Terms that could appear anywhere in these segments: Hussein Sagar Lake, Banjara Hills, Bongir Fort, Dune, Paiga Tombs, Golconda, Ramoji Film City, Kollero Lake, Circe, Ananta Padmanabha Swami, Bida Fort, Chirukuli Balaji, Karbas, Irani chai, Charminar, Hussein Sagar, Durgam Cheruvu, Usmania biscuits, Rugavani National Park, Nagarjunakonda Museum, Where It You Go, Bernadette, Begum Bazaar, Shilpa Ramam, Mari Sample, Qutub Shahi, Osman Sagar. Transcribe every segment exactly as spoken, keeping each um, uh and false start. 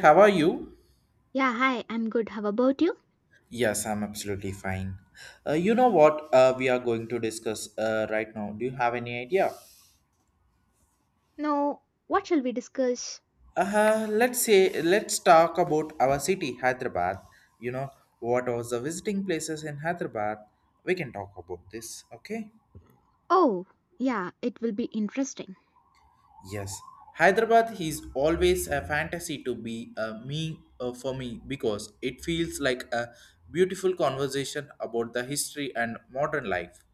How are you? Yeah, hi, I'm good. How about you? Yes, I'm absolutely fine. Uh, you know what uh, we are going to discuss uh, right now? Do you have any idea? Now, what shall we discuss? Uh, let's say let's talk about our city, Hyderabad. You know what was the visiting places in Hyderabad? We can talk about this, okay? Oh, yeah, it will be interesting. Yes, Hyderabad is always a fantasy to be uh, me uh, for me, because it feels like a beautiful conversation about the history and modern life.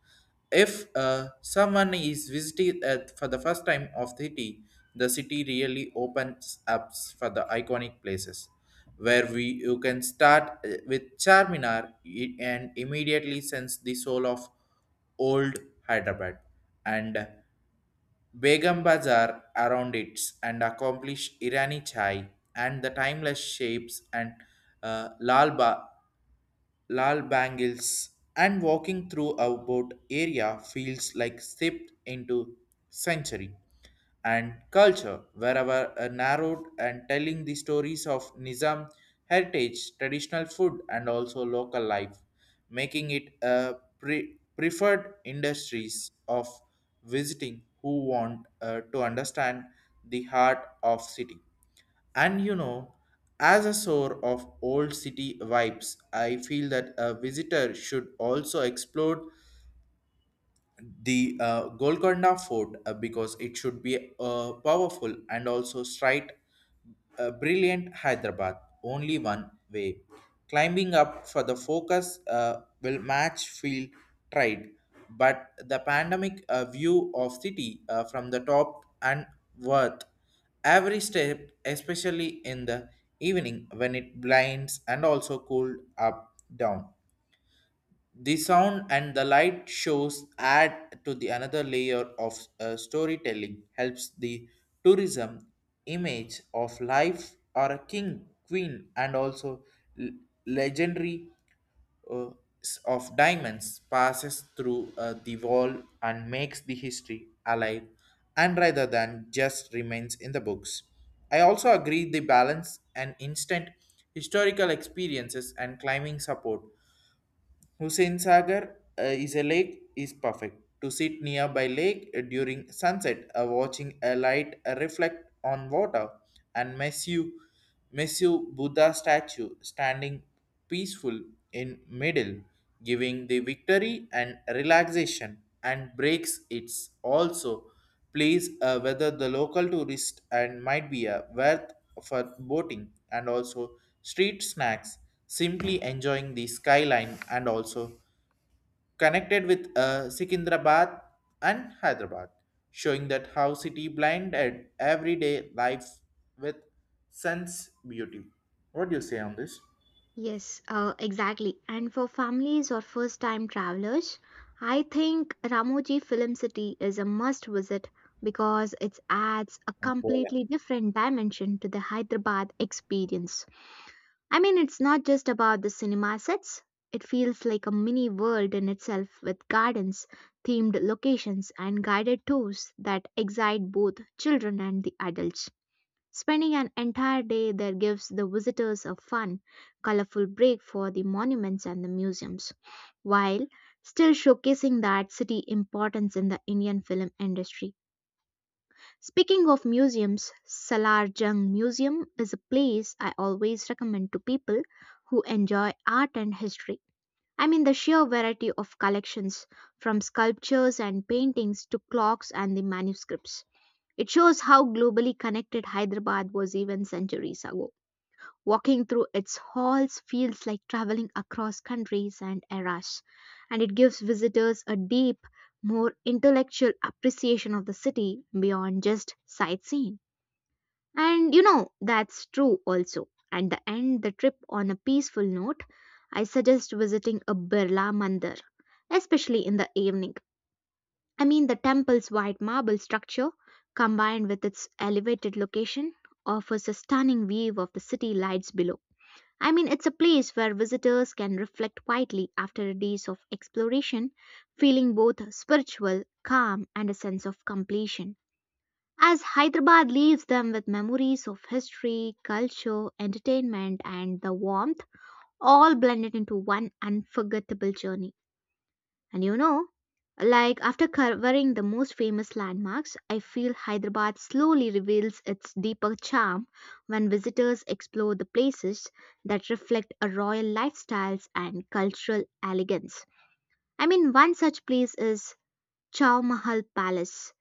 If uh, someone is visiting uh, for the first time of the city, the city really opens up for the iconic places where we you can start uh, with Charminar i- and immediately sense the soul of old Hyderabad and Begum Bazaar around it, and accomplish Irani chai and the timeless shapes and uh, Lal Ba lal bangles, and walking through a boat area feels like stepped into century and culture, wherever are narrowed and telling the stories of Nizam heritage, traditional food, and also local life, making it a pre- preferred industries of visiting who want uh, to understand the heart of city. And you know, as a source of old city vibes, I feel that a visitor should also explore the uh, Golconda Fort uh, because it should be uh, powerful and also straight, uh, brilliant Hyderabad. Only one way. Climbing up for the focus uh, will match field tried, but the pandemic uh, view of city uh, from the top and worth every step, especially in the evening when it blinds and also cooled up down the sound and the light shows add to the another layer of uh, storytelling helps the tourism image of life or a king, queen, and also l- legendary uh, s- of diamonds passes through uh, the wall and makes the history alive and rather than just remains in the books. I also agree the balance and instant historical experiences and climbing support Hussein Sagar uh, is a lake is perfect to sit nearby lake uh, during sunset, uh, watching a light uh, reflect on water, and Messu Messu Buddha statue standing peaceful in middle, giving the victory and relaxation, and breaks its also. Place uh, whether the local tourist and might be a worth for boating and also street snacks, simply enjoying the skyline and also connected with uh, Secunderabad and Hyderabad, showing that how city blinded everyday life with sense beauty. What do you say on this? Yes, uh, exactly. And for families or first time travelers, I think Ramoji Film City is a must visit because it adds a Well, completely different dimension to the Hyderabad experience. I mean, it's not just about the cinema sets. It feels like a mini world in itself with gardens, themed locations, and guided tours that excite both children and the adults. Spending an entire day there gives the visitors a fun, colorful break for the monuments and the museums, while still showcasing that city importance in the Indian film industry. Speaking of museums, Salar Jung Museum is a place I always recommend to people who enjoy art and history. I mean, the sheer variety of collections, from sculptures and paintings to clocks and the manuscripts. It shows how globally connected Hyderabad was even centuries ago. Walking through its halls feels like traveling across countries and eras, and it gives visitors a deep, more intellectual appreciation of the city beyond just sightseeing. And you know, that's true also. And the end the trip on a peaceful note, I suggest visiting a Birla Mandir, especially in the evening. I mean, the temple's white marble structure, combined with its elevated location, offers a stunning view of the city lights below. I mean, it's a place where visitors can reflect quietly after days of exploration, feeling both spiritual, calm, and a sense of completion, as Hyderabad leaves them with memories of history, culture, entertainment, and the warmth, all blended into one unforgettable journey. And you know, like after covering the most famous landmarks, I feel Hyderabad slowly reveals its deeper charm when visitors explore the places that reflect a royal lifestyles and cultural elegance. I mean, one such place is Chow Mahal Palace,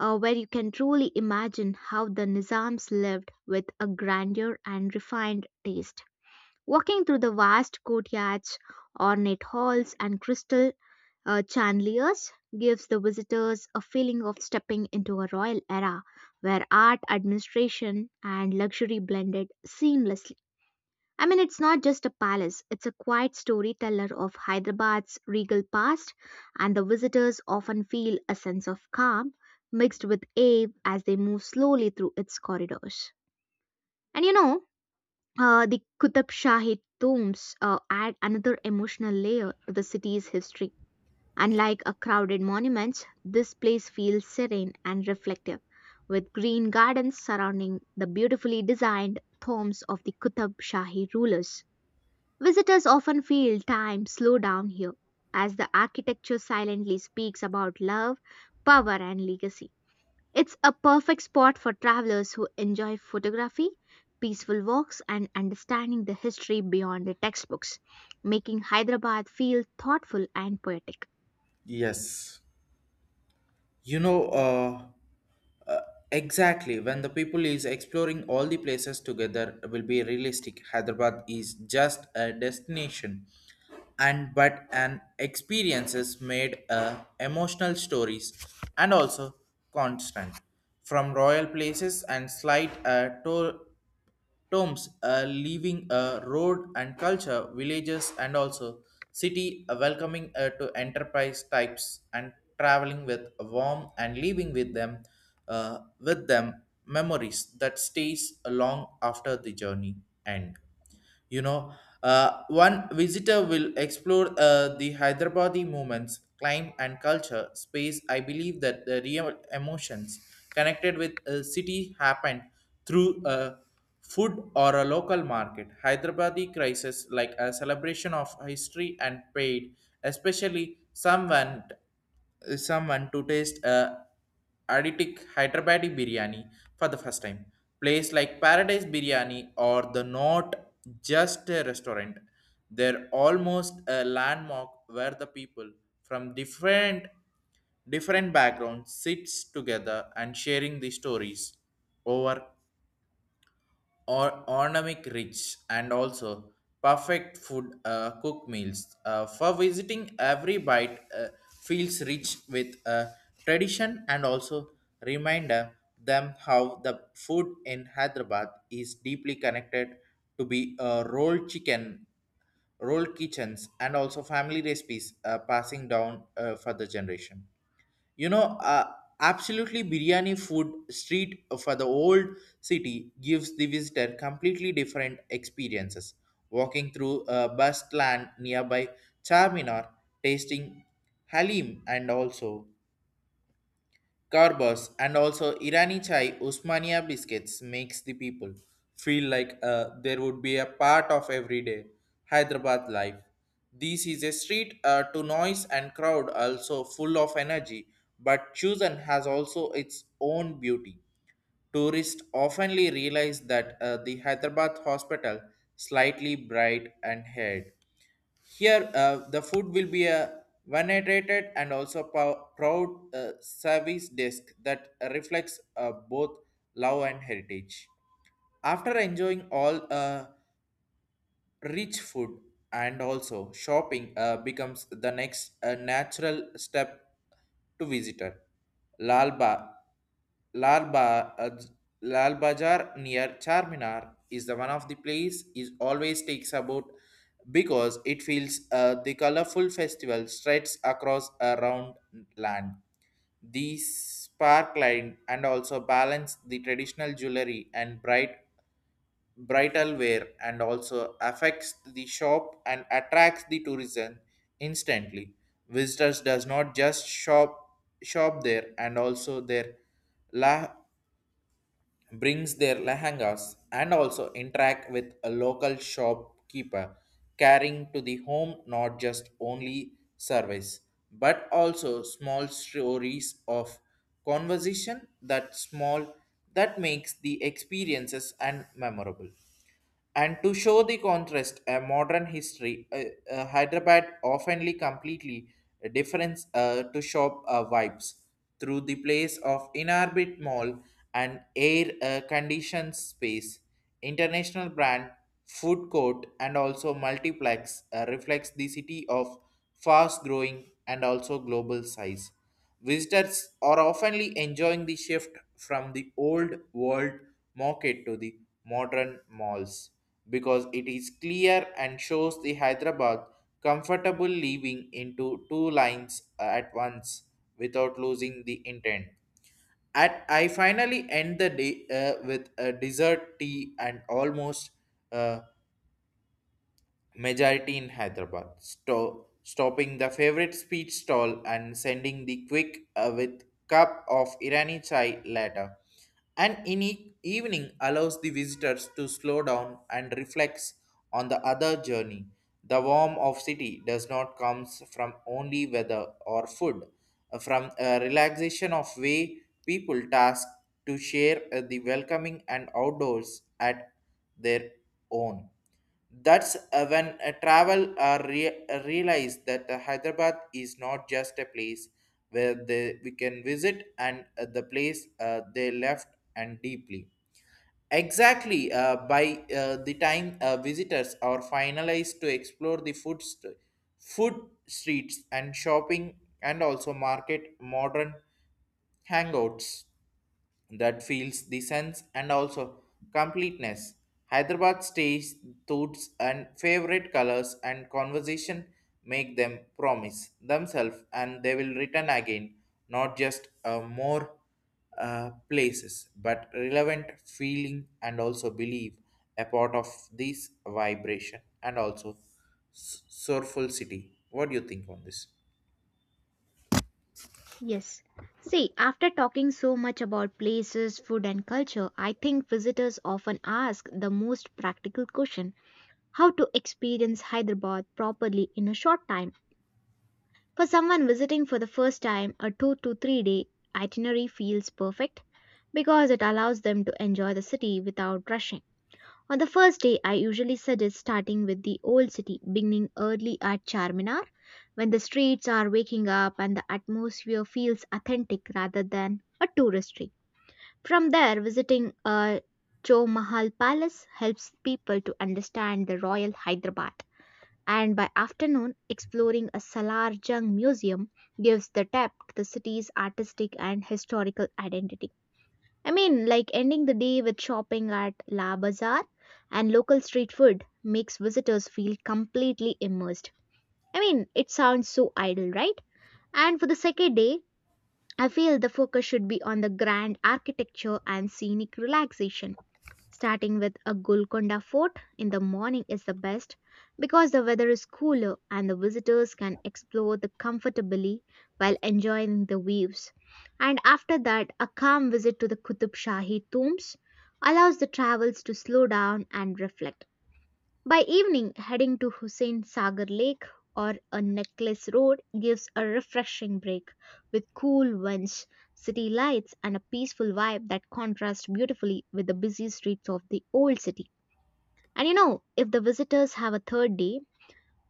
uh, where you can truly imagine how the Nizams lived with a grandeur and refined taste. Walking through the vast courtyards, ornate halls, and crystal uh, chandeliers gives the visitors a feeling of stepping into a royal era where art, administration, and luxury blended seamlessly. I mean, it's not just a palace, it's a quiet storyteller of Hyderabad's regal past, and the visitors often feel a sense of calm mixed with awe as they move slowly through its corridors. And you know, uh, the Qutub Shahi tombs uh, add another emotional layer to the city's history. Unlike a crowded monuments, this place feels serene and reflective, with green gardens surrounding the beautifully designed tombs of the Qutb Shahi rulers. Visitors often feel time slow down here, as the architecture silently speaks about love, power, and legacy. It's a perfect spot for travelers who enjoy photography, peaceful walks, and understanding the history beyond the textbooks, making Hyderabad feel thoughtful and poetic. yes. You know, uh, Uh, exactly. When the people is exploring all the places together will be realistic. Hyderabad is just a destination and but an experiences made uh, emotional stories and also constant from royal places and slight uh, tour Tombs uh, leaving a road and culture, villages, and also city uh, welcoming uh, to enterprise types and traveling with a warm and leaving with them uh, with them memories that stays long after the journey end. You know, uh, one visitor will explore uh, the hyderabadi movements climb and culture space. I believe that the real emotions connected with a city happened through a food or a local market hyderabadi crisis like a celebration of history and paid, especially someone someone to taste uh, Aditic Hyderabadi biryani for the first time. Place like Paradise Biryani or the Not Just a Restaurant. They're almost a landmark where the people from different different backgrounds sits together and sharing the stories over or ornamic rich and also perfect food uh, cook meals uh, for visiting every bite uh, feels rich with uh, tradition, and also reminder them how the food in Hyderabad is deeply connected to be uh, rolled chicken rolled kitchens and also family recipes uh, passing down uh, for the generation. You know, uh, absolutely biryani food street for the old city gives the visitor completely different experiences walking through a bus land nearby Charminar, tasting halim and also Karbas and also Irani chai Usmania biscuits makes the people feel like uh, there would be a part of everyday Hyderabad life. This is a street uh, to noise and crowd also full of energy, but Chusan has also its own beauty. Tourists oftenly realize that uh, the Hyderabad hospital slightly bright and haired here, uh, the food will be a venerated and also pow- proud uh, service desk that reflects uh, both love and heritage. After enjoying all uh, rich food and also shopping uh, becomes the next uh, natural step to visitor. Lal, ba- Lal, ba- uh, Lal Bazaar near Charminar is the one of the place is always takes about because it feels uh, the colorful festival stretches across around land. These sparkline and also balance the traditional jewelry and bright bridal wear and also affects the shop and attracts the tourism instantly. Visitors does not just shop shop there and also their la brings their lehengas and also interact with a local shopkeeper carrying to the home, not just only service but also small stories of conversation that small that makes the experiences and memorable. And to show the contrast, a modern history, uh, uh, Hyderabad oftenly completely different uh, to shop uh, vibes through the place of inhabit mall and air uh, conditioned space, international brand, food court, and also multiplex uh, reflects the city of fast growing and also global size. Visitors are often enjoying the shift from the old world market to the modern malls because it is clear and shows the Hyderabad comfortable living into two lines at once without losing the intent. At I finally end the day uh, with a dessert tea and almost uh, majority in Hyderabad, sto- stopping the favorite speed stall and sending the quick uh, with cup of Irani chai later. An in e- evening allows the visitors to slow down and reflect on the other journey. The warmth of city does not comes from only weather or food, uh, from a relaxation of way people task to share uh, the welcoming and outdoors at their own. That's uh, when a travel uh, re- realize that uh, Hyderabad is not just a place where they, we can visit and uh, the place uh, they left and deeply. Exactly, uh, by uh, the time uh, visitors are finalized to explore the food, st- food streets and shopping and also market modern hangouts that feels the sense and also completeness. Hyderabad stage thoughts and favorite colors and conversation make them promise themselves and they will return again, not just uh, more uh, places, but relevant feeling and also believe a part of this vibration and also s- soulful city. What do you think on this? Yes. See, after talking so much about places, food, and culture, I think visitors often ask the most practical question: how to experience Hyderabad properly in a short time. For someone visiting for the first time, a two to three day itinerary feels perfect because it allows them to enjoy the city without rushing. On the first day, I usually suggest starting with the old city, beginning early at Charminar when the streets are waking up and the atmosphere feels authentic rather than a touristy. From there, visiting a Cho Mahal Palace helps people to understand the Royal Hyderabad. And by afternoon, exploring a Salar Jung Museum gives the depth to the city's artistic and historical identity. I mean, like ending the day with shopping at La Bazaar and local street food makes visitors feel completely immersed. I mean, it sounds so idle, right? And for the second day, I feel the focus should be on the grand architecture and scenic relaxation. Starting with a Golconda fort in the morning is the best because the weather is cooler and the visitors can explore the comfortably while enjoying the views. And after that, a calm visit to the Qutub Shahi tombs allows the travels to slow down and reflect. By evening, heading to Hussein Sagar Lake or a necklace road gives a refreshing break with cool winds, city lights, and a peaceful vibe that contrasts beautifully with the busy streets of the old city. And you know, if the visitors have a third day,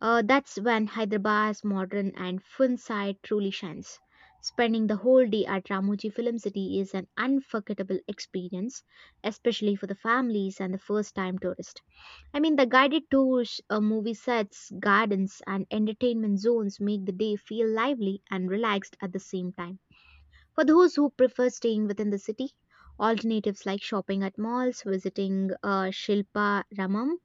uh, that's when Hyderabad's modern and fun side truly shines. Spending the whole day at Ramoji Film City is an unforgettable experience, especially for the families and the first time tourists. I mean, the guided tours, uh, movie sets, gardens, and entertainment zones make the day feel lively and relaxed at the same time. For those who prefer staying within the city, alternatives like shopping at malls, visiting uh, Shilpa Ramam,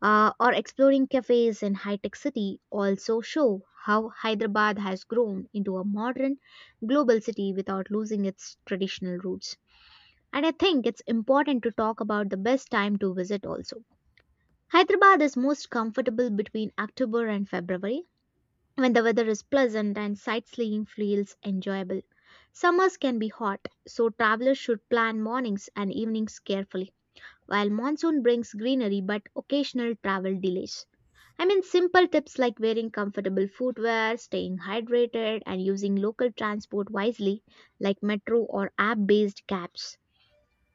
uh, or exploring cafes in high tech city also show how Hyderabad has grown into a modern global city without losing its traditional roots. And I think it's important to talk about the best time to visit also. Hyderabad is most comfortable between October and February when the weather is pleasant and sightseeing feels enjoyable. Summers can be hot, so travelers should plan mornings and evenings carefully, while monsoon brings greenery but occasional travel delays. I mean, simple tips like wearing comfortable footwear, staying hydrated, and using local transport wisely, like metro or app based cabs,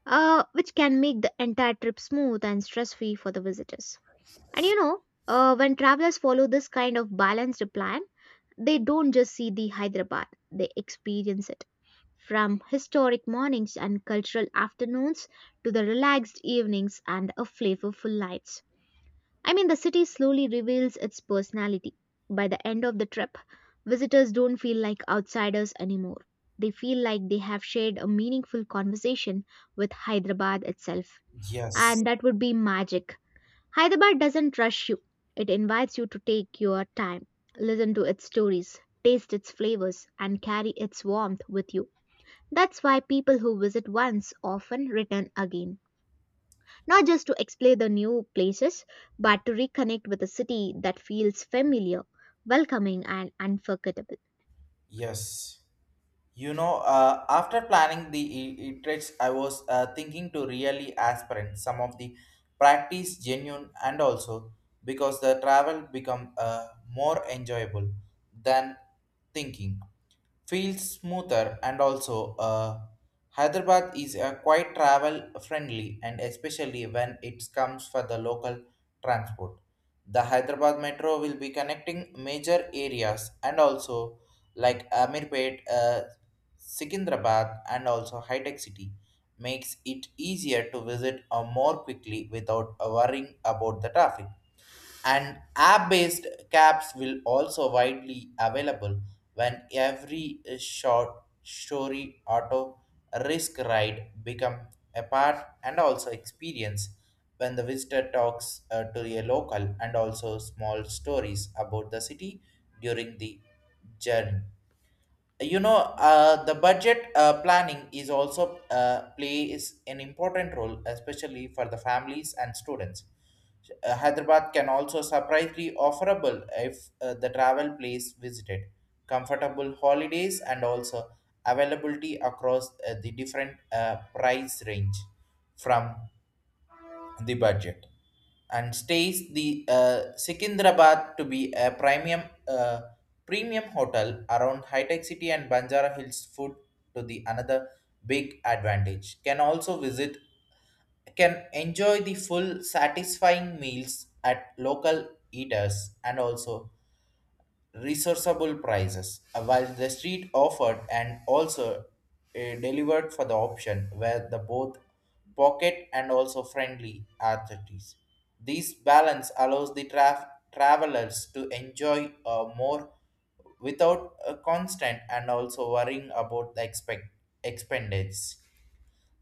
uh, which can make the entire trip smooth and stress free for the visitors. And you know, uh, when travelers follow this kind of balanced plan, they don't just see the Hyderabad, they experience it. From historic mornings and cultural afternoons to the relaxed evenings and a flavorful nights. I mean, the city slowly reveals its personality. By the end of the trip, visitors don't feel like outsiders anymore. They feel like they have shared a meaningful conversation with Hyderabad itself. Yes, And that would be magic. Hyderabad doesn't rush you. It invites you to take your time, listen to its stories, taste its flavors, and carry its warmth with you. That's why people who visit once often return again, not just to explore the new places, but to reconnect with a city that feels familiar, welcoming, and unforgettable. yes. You know, uh, after planning the e- e I was uh, thinking to really aspirant some of the practice genuine and also because the travel become uh, more enjoyable than thinking. Feels smoother and also uh, Hyderabad is uh, quite travel friendly and especially when it comes for the local transport. The Hyderabad metro will be connecting major areas and also like Amirpet, uh, Secunderabad, and also high-tech city, makes it easier to visit uh, more quickly without uh, worrying about the traffic. And app-based cabs will also widely available when every uh, short story auto risk ride become a part and also experience when the visitor talks uh, to a local and also small stories about the city during the journey. You know, uh, the budget uh, planning is also uh, plays an important role, especially for the families and students. Uh, hyderabad can also surprisingly offerable if uh, the travel place visited comfortable holidays and also availability across uh, the different uh, price range from the budget and stays the uh, Secunderabad to be a premium uh, premium hotel around high tech city and Banjara Hills food to the another big advantage. Can also visit can enjoy the full satisfying meals at local eaters and also resourceable prices, uh, while the street offered and also uh, delivered for the option where the both pocket and also friendly authorities. This balance allows the traf- travelers to enjoy uh, more without a constant and also worrying about the expect- expenditure.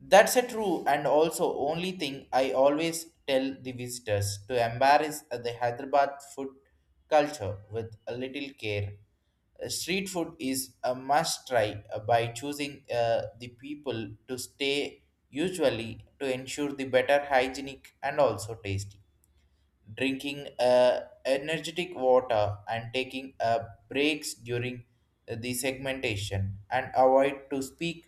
That's a true and also only thing I always tell the visitors to embrace the Hyderabad food culture with a little care. Uh, Street food is a must try uh, by choosing uh, the people to stay usually to ensure the better hygienic and also tasty drinking uh, energetic water and taking uh, breaks during the segmentation and avoid to speak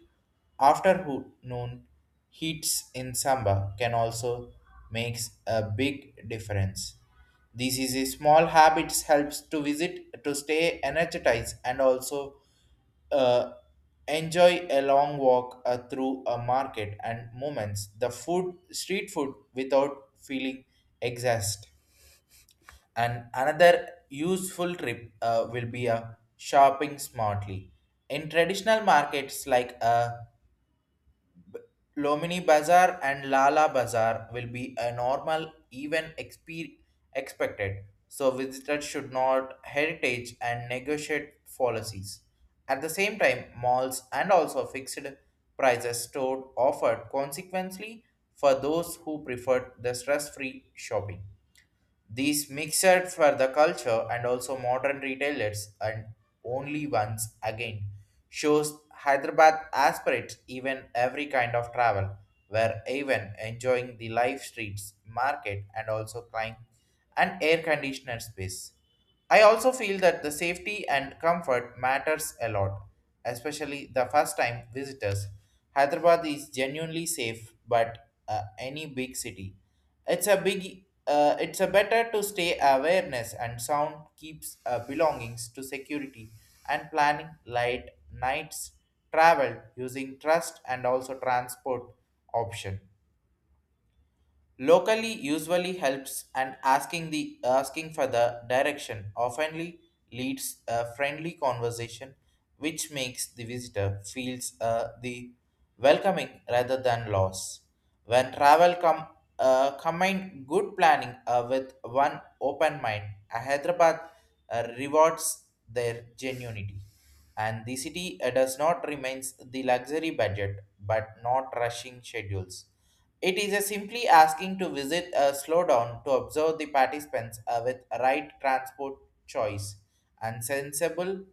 afternoon heats in summer can also makes a big difference. This is a small habits helps to visit to stay energized and also uh, enjoy a long walk uh, through a market and moments the food street food without feeling exhausted. And another useful trip uh, will be a shopping smartly. In traditional markets like uh, Lomini Bazaar and Lala Bazaar will be a normal even expe- expected. So visitors should not heritage and negotiate policies. At the same time, malls and also fixed prices stored offered consequently for those who preferred the stress-free shopping. These mixed for the culture and also modern retailers and only ones again shows Hyderabad aspirates even every kind of travel, where even enjoying the live streets, market and also climb and air conditioner space. I also feel that the safety and comfort matters a lot, especially the first time visitors. Hyderabad is genuinely safe, but uh, any big city, it's a big, uh, it's a better to stay awareness and sound keeps uh, belongings to security and planning light nights travel using trust and also transport option. Locally usually helps and asking the asking for the direction oftenly leads a friendly conversation which makes the visitor feels uh, the welcoming rather than loss. When travel com- uh, combine good planning uh, with one open mind, uh, Hyderabad uh, rewards their genuinity. And the city uh, does not remains the luxury budget but not rushing schedules. It is a simply asking to visit a slowdown to observe the participants uh, with right transport choice and sensible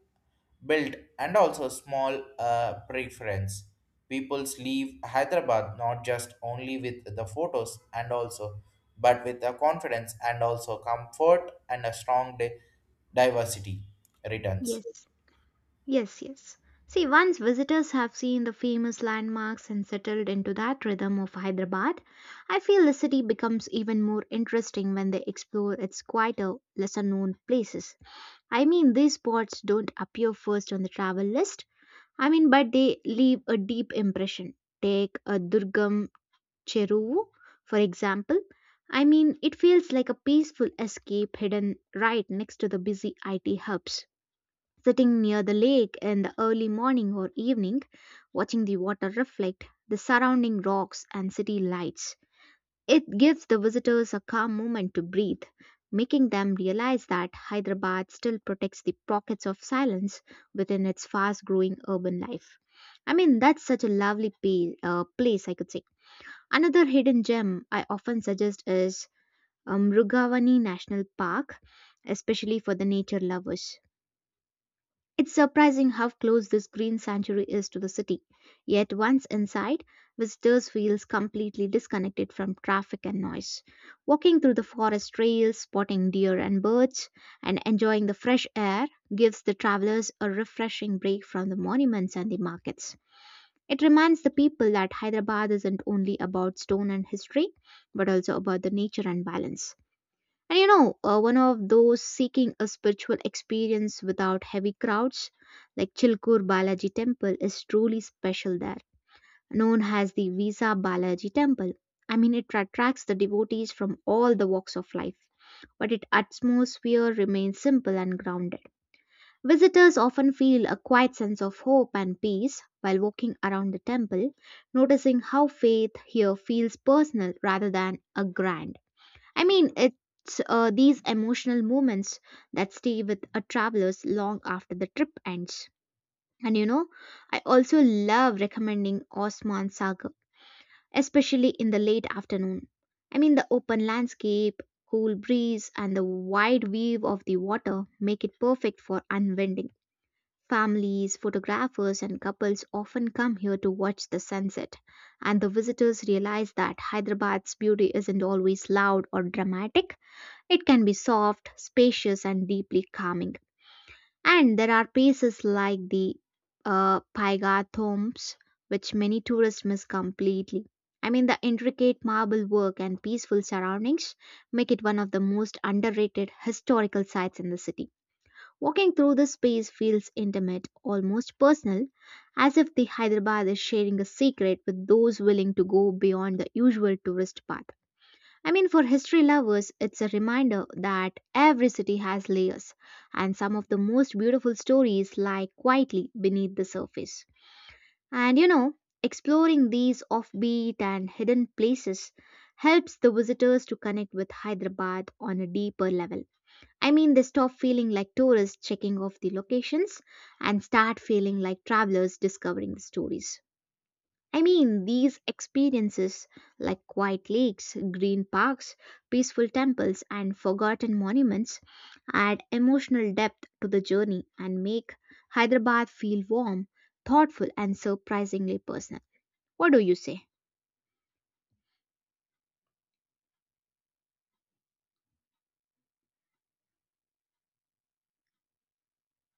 build and also small uh, preference. Peoples leave Hyderabad not just only with the photos and also but with a confidence and also comfort and a strong di- diversity returns. Yes. Yes, yes. See, once visitors have seen the famous landmarks and settled into that rhythm of Hyderabad, I feel the city becomes even more interesting when they explore its quieter, lesser known places. I mean, these spots don't appear first on the travel list, I mean, but they leave a deep impression. Take a Durgam Cheruvu, for example. I mean, it feels like a peaceful escape hidden right next to the busy I T hubs sitting near the lake in the early morning or evening, watching the water reflect the surrounding rocks and city lights. It gives the visitors a calm moment to breathe, making them realize that Hyderabad still protects the pockets of silence within its fast growing urban life. I mean, that's such a lovely pa- uh, place, I could say. Another hidden gem I often suggest is um, Rugavani National Park, especially for the nature lovers. It's surprising how close this green sanctuary is to the city, yet once inside, visitors feel completely disconnected from traffic and noise. Walking through the forest trails, spotting deer and birds, and enjoying the fresh air gives the travelers a refreshing break from the monuments and the markets. It reminds the people that Hyderabad isn't only about stone and history, but also about the nature and balance. And you know, uh, one of those seeking a spiritual experience without heavy crowds, like Chilkur Balaji Temple, is truly special there. Known as the Visa Balaji Temple, I mean, it attracts the devotees from all the walks of life, but its atmosphere remains simple and grounded. Visitors often feel a quiet sense of hope and peace while walking around the temple, noticing how faith here feels personal rather than a grand. I mean, it's uh, these emotional moments that stay with a travelers long after the trip ends. And you know, I also love recommending Osman Sagar, especially in the late afternoon. I mean, the open landscape, cool breeze, and the wide view of the water make it perfect for unwinding. Families, photographers, and couples often come here to watch the sunset, and the visitors realize that Hyderabad's beauty isn't always loud or dramatic. It can be soft, spacious, and deeply calming. And there are places like the uh, Paiga Tombs, which many tourists miss completely. I mean, the intricate marble work and peaceful surroundings make it one of the most underrated historical sites in the city. Walking through this space feels intimate, almost personal, as if the Hyderabad is sharing a secret with those willing to go beyond the usual tourist path. I mean, for history lovers, it's a reminder that every city has layers, and some of the most beautiful stories lie quietly beneath the surface. And you know, exploring these offbeat and hidden places helps the visitors to connect with Hyderabad on a deeper level. I mean, they stop feeling like tourists checking off the locations and start feeling like travelers discovering the stories. I mean, these experiences, like quiet lakes, green parks, peaceful temples, and forgotten monuments, add emotional depth to the journey and make Hyderabad feel warm, thoughtful, and surprisingly personal. What do you say?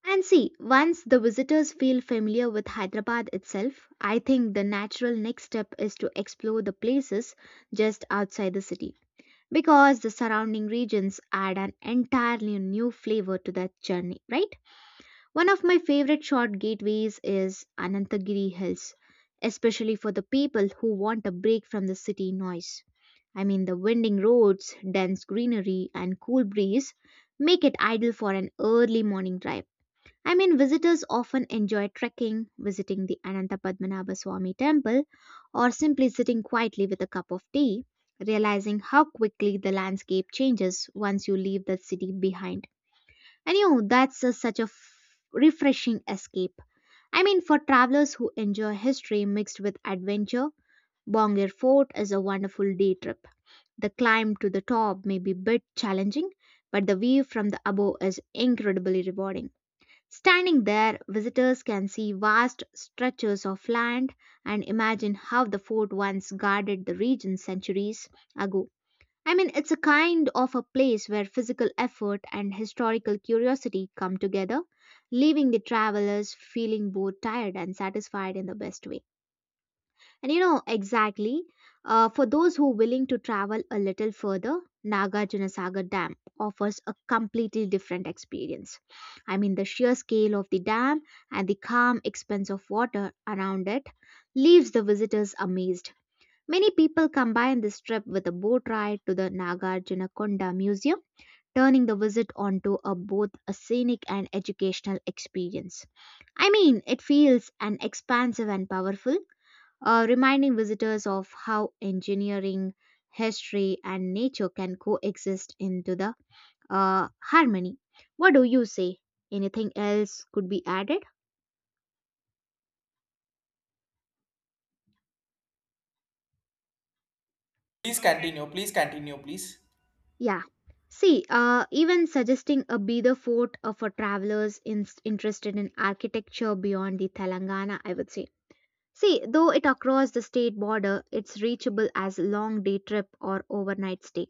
And see, once the visitors feel familiar with Hyderabad itself, I think the natural next step is to explore the places just outside the city because the surrounding regions add an entirely new flavor to that journey, right? One of my favorite short gateways is Anantagiri Hills, especially for the people who want a break from the city noise. I mean, the winding roads, dense greenery, and cool breeze make it ideal for an early morning drive. I mean, visitors often enjoy trekking, visiting the Ananta Padmanabha Swami temple, or simply sitting quietly with a cup of tea, realizing how quickly the landscape changes once you leave the city behind. And you know, that's a- such a f- refreshing escape. I mean, for travelers who enjoy history mixed with adventure, Bongir Fort is a wonderful day trip. The climb to the top may be a bit challenging, but the view from the above is incredibly rewarding. Standing there, visitors can see vast stretches of land and imagine how the fort once guarded the region centuries ago. I mean, it's a kind of a place where physical effort and historical curiosity come together, leaving the travelers feeling both tired and satisfied in the best way. And you know, exactly, uh, for those who are willing to travel a little further, Nagarjunasagar Dam offers a completely different experience. I mean, the sheer scale of the dam and the calm expanse of water around it leaves the visitors amazed. Many people combine this trip with a boat ride to the Nagarjunakonda Museum, turning the visit onto a both a scenic and educational experience. I mean, it feels an expansive and powerful, uh, reminding visitors of how engineering, history, and nature can coexist into the, uh, harmony. What do you say? Anything else could be added? Please continue, please continue, please. Yeah. See, uh, even suggesting a Bida fort uh, for travelers in- interested in architecture beyond the Telangana, I would say. See, though it across the state border, it's reachable as a long day trip or overnight stay.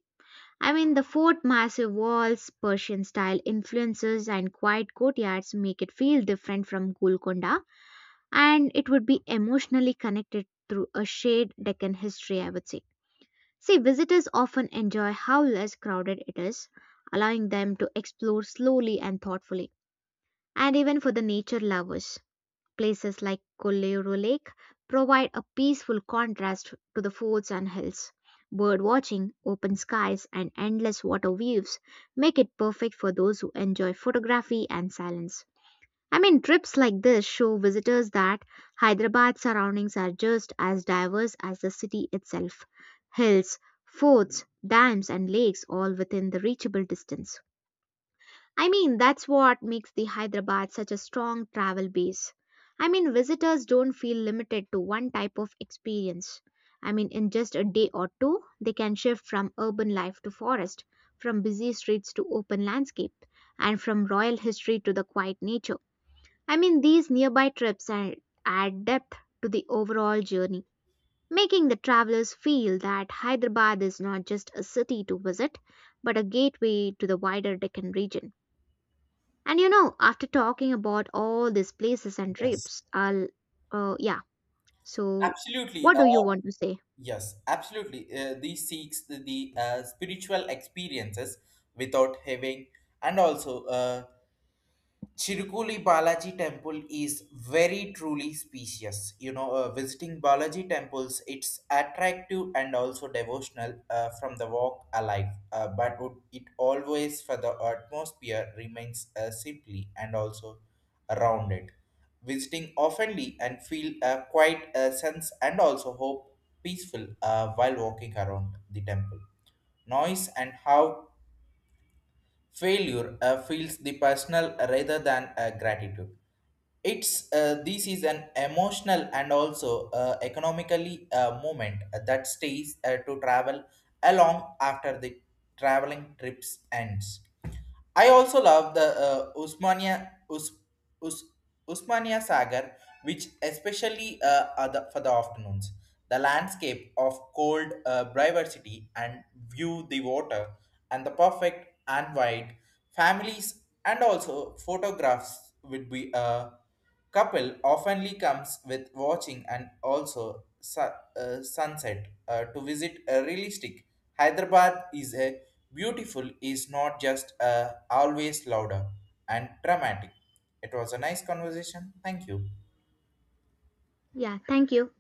I mean, the fort massive walls, Persian style influences, and quiet courtyards make it feel different from Golconda, and it would be emotionally connected through a shared Deccan history, I would say. See, visitors often enjoy how less crowded it is, allowing them to explore slowly and thoughtfully, and even for the nature lovers. Places like Kollero Lake provide a peaceful contrast to the forts and hills. Bird watching, open skies, and endless water views make it perfect for those who enjoy photography and silence. I mean, trips like this show visitors that Hyderabad's surroundings are just as diverse as the city itself. Hills, forts, dams, and lakes all within the reachable distance. I mean, that's what makes the Hyderabad such a strong travel base. I mean, visitors don't feel limited to one type of experience. I mean, in just a day or two, they can shift from urban life to forest, from busy streets to open landscape, and from royal history to the quiet nature. I mean, these nearby trips add add depth to the overall journey, making the travelers feel that Hyderabad is not just a city to visit, but a gateway to the wider Deccan region. And you know, after talking about all these places and Yes. trips, I'll, uh, yeah. So, Absolutely. what Uh, do you want to say? Yes, absolutely. Uh, these seeks the, the, uh, spiritual experiences without having, and also uh, Chirukuli Balaji temple is very truly specious. You know, uh, visiting Balaji temples, it's attractive and also devotional uh, from the walk alive. Uh, but would- it always for the atmosphere remains uh, simply and also rounded. Visiting oftenly and feel a quiet uh, sense and also hope peaceful uh, while walking around the temple noise and how failure uh, feels the personal rather than uh, gratitude. It's uh, this is an emotional and also uh, economically uh, moment that stays uh, to travel along after the traveling trips ends. I also love the uh, usmania Us, Us, usmania sagar, which especially uh, are the- for the afternoons the landscape of cold uh, diversity and view the water and the perfect and wide families and also photographs would be uh, couple oftenly comes with watching and also su- uh, sunset uh, to visit a realistic. Hyderabad is a beautiful is not just uh, always louder and dramatic. It was a nice conversation. Thank you. Yeah, thank you.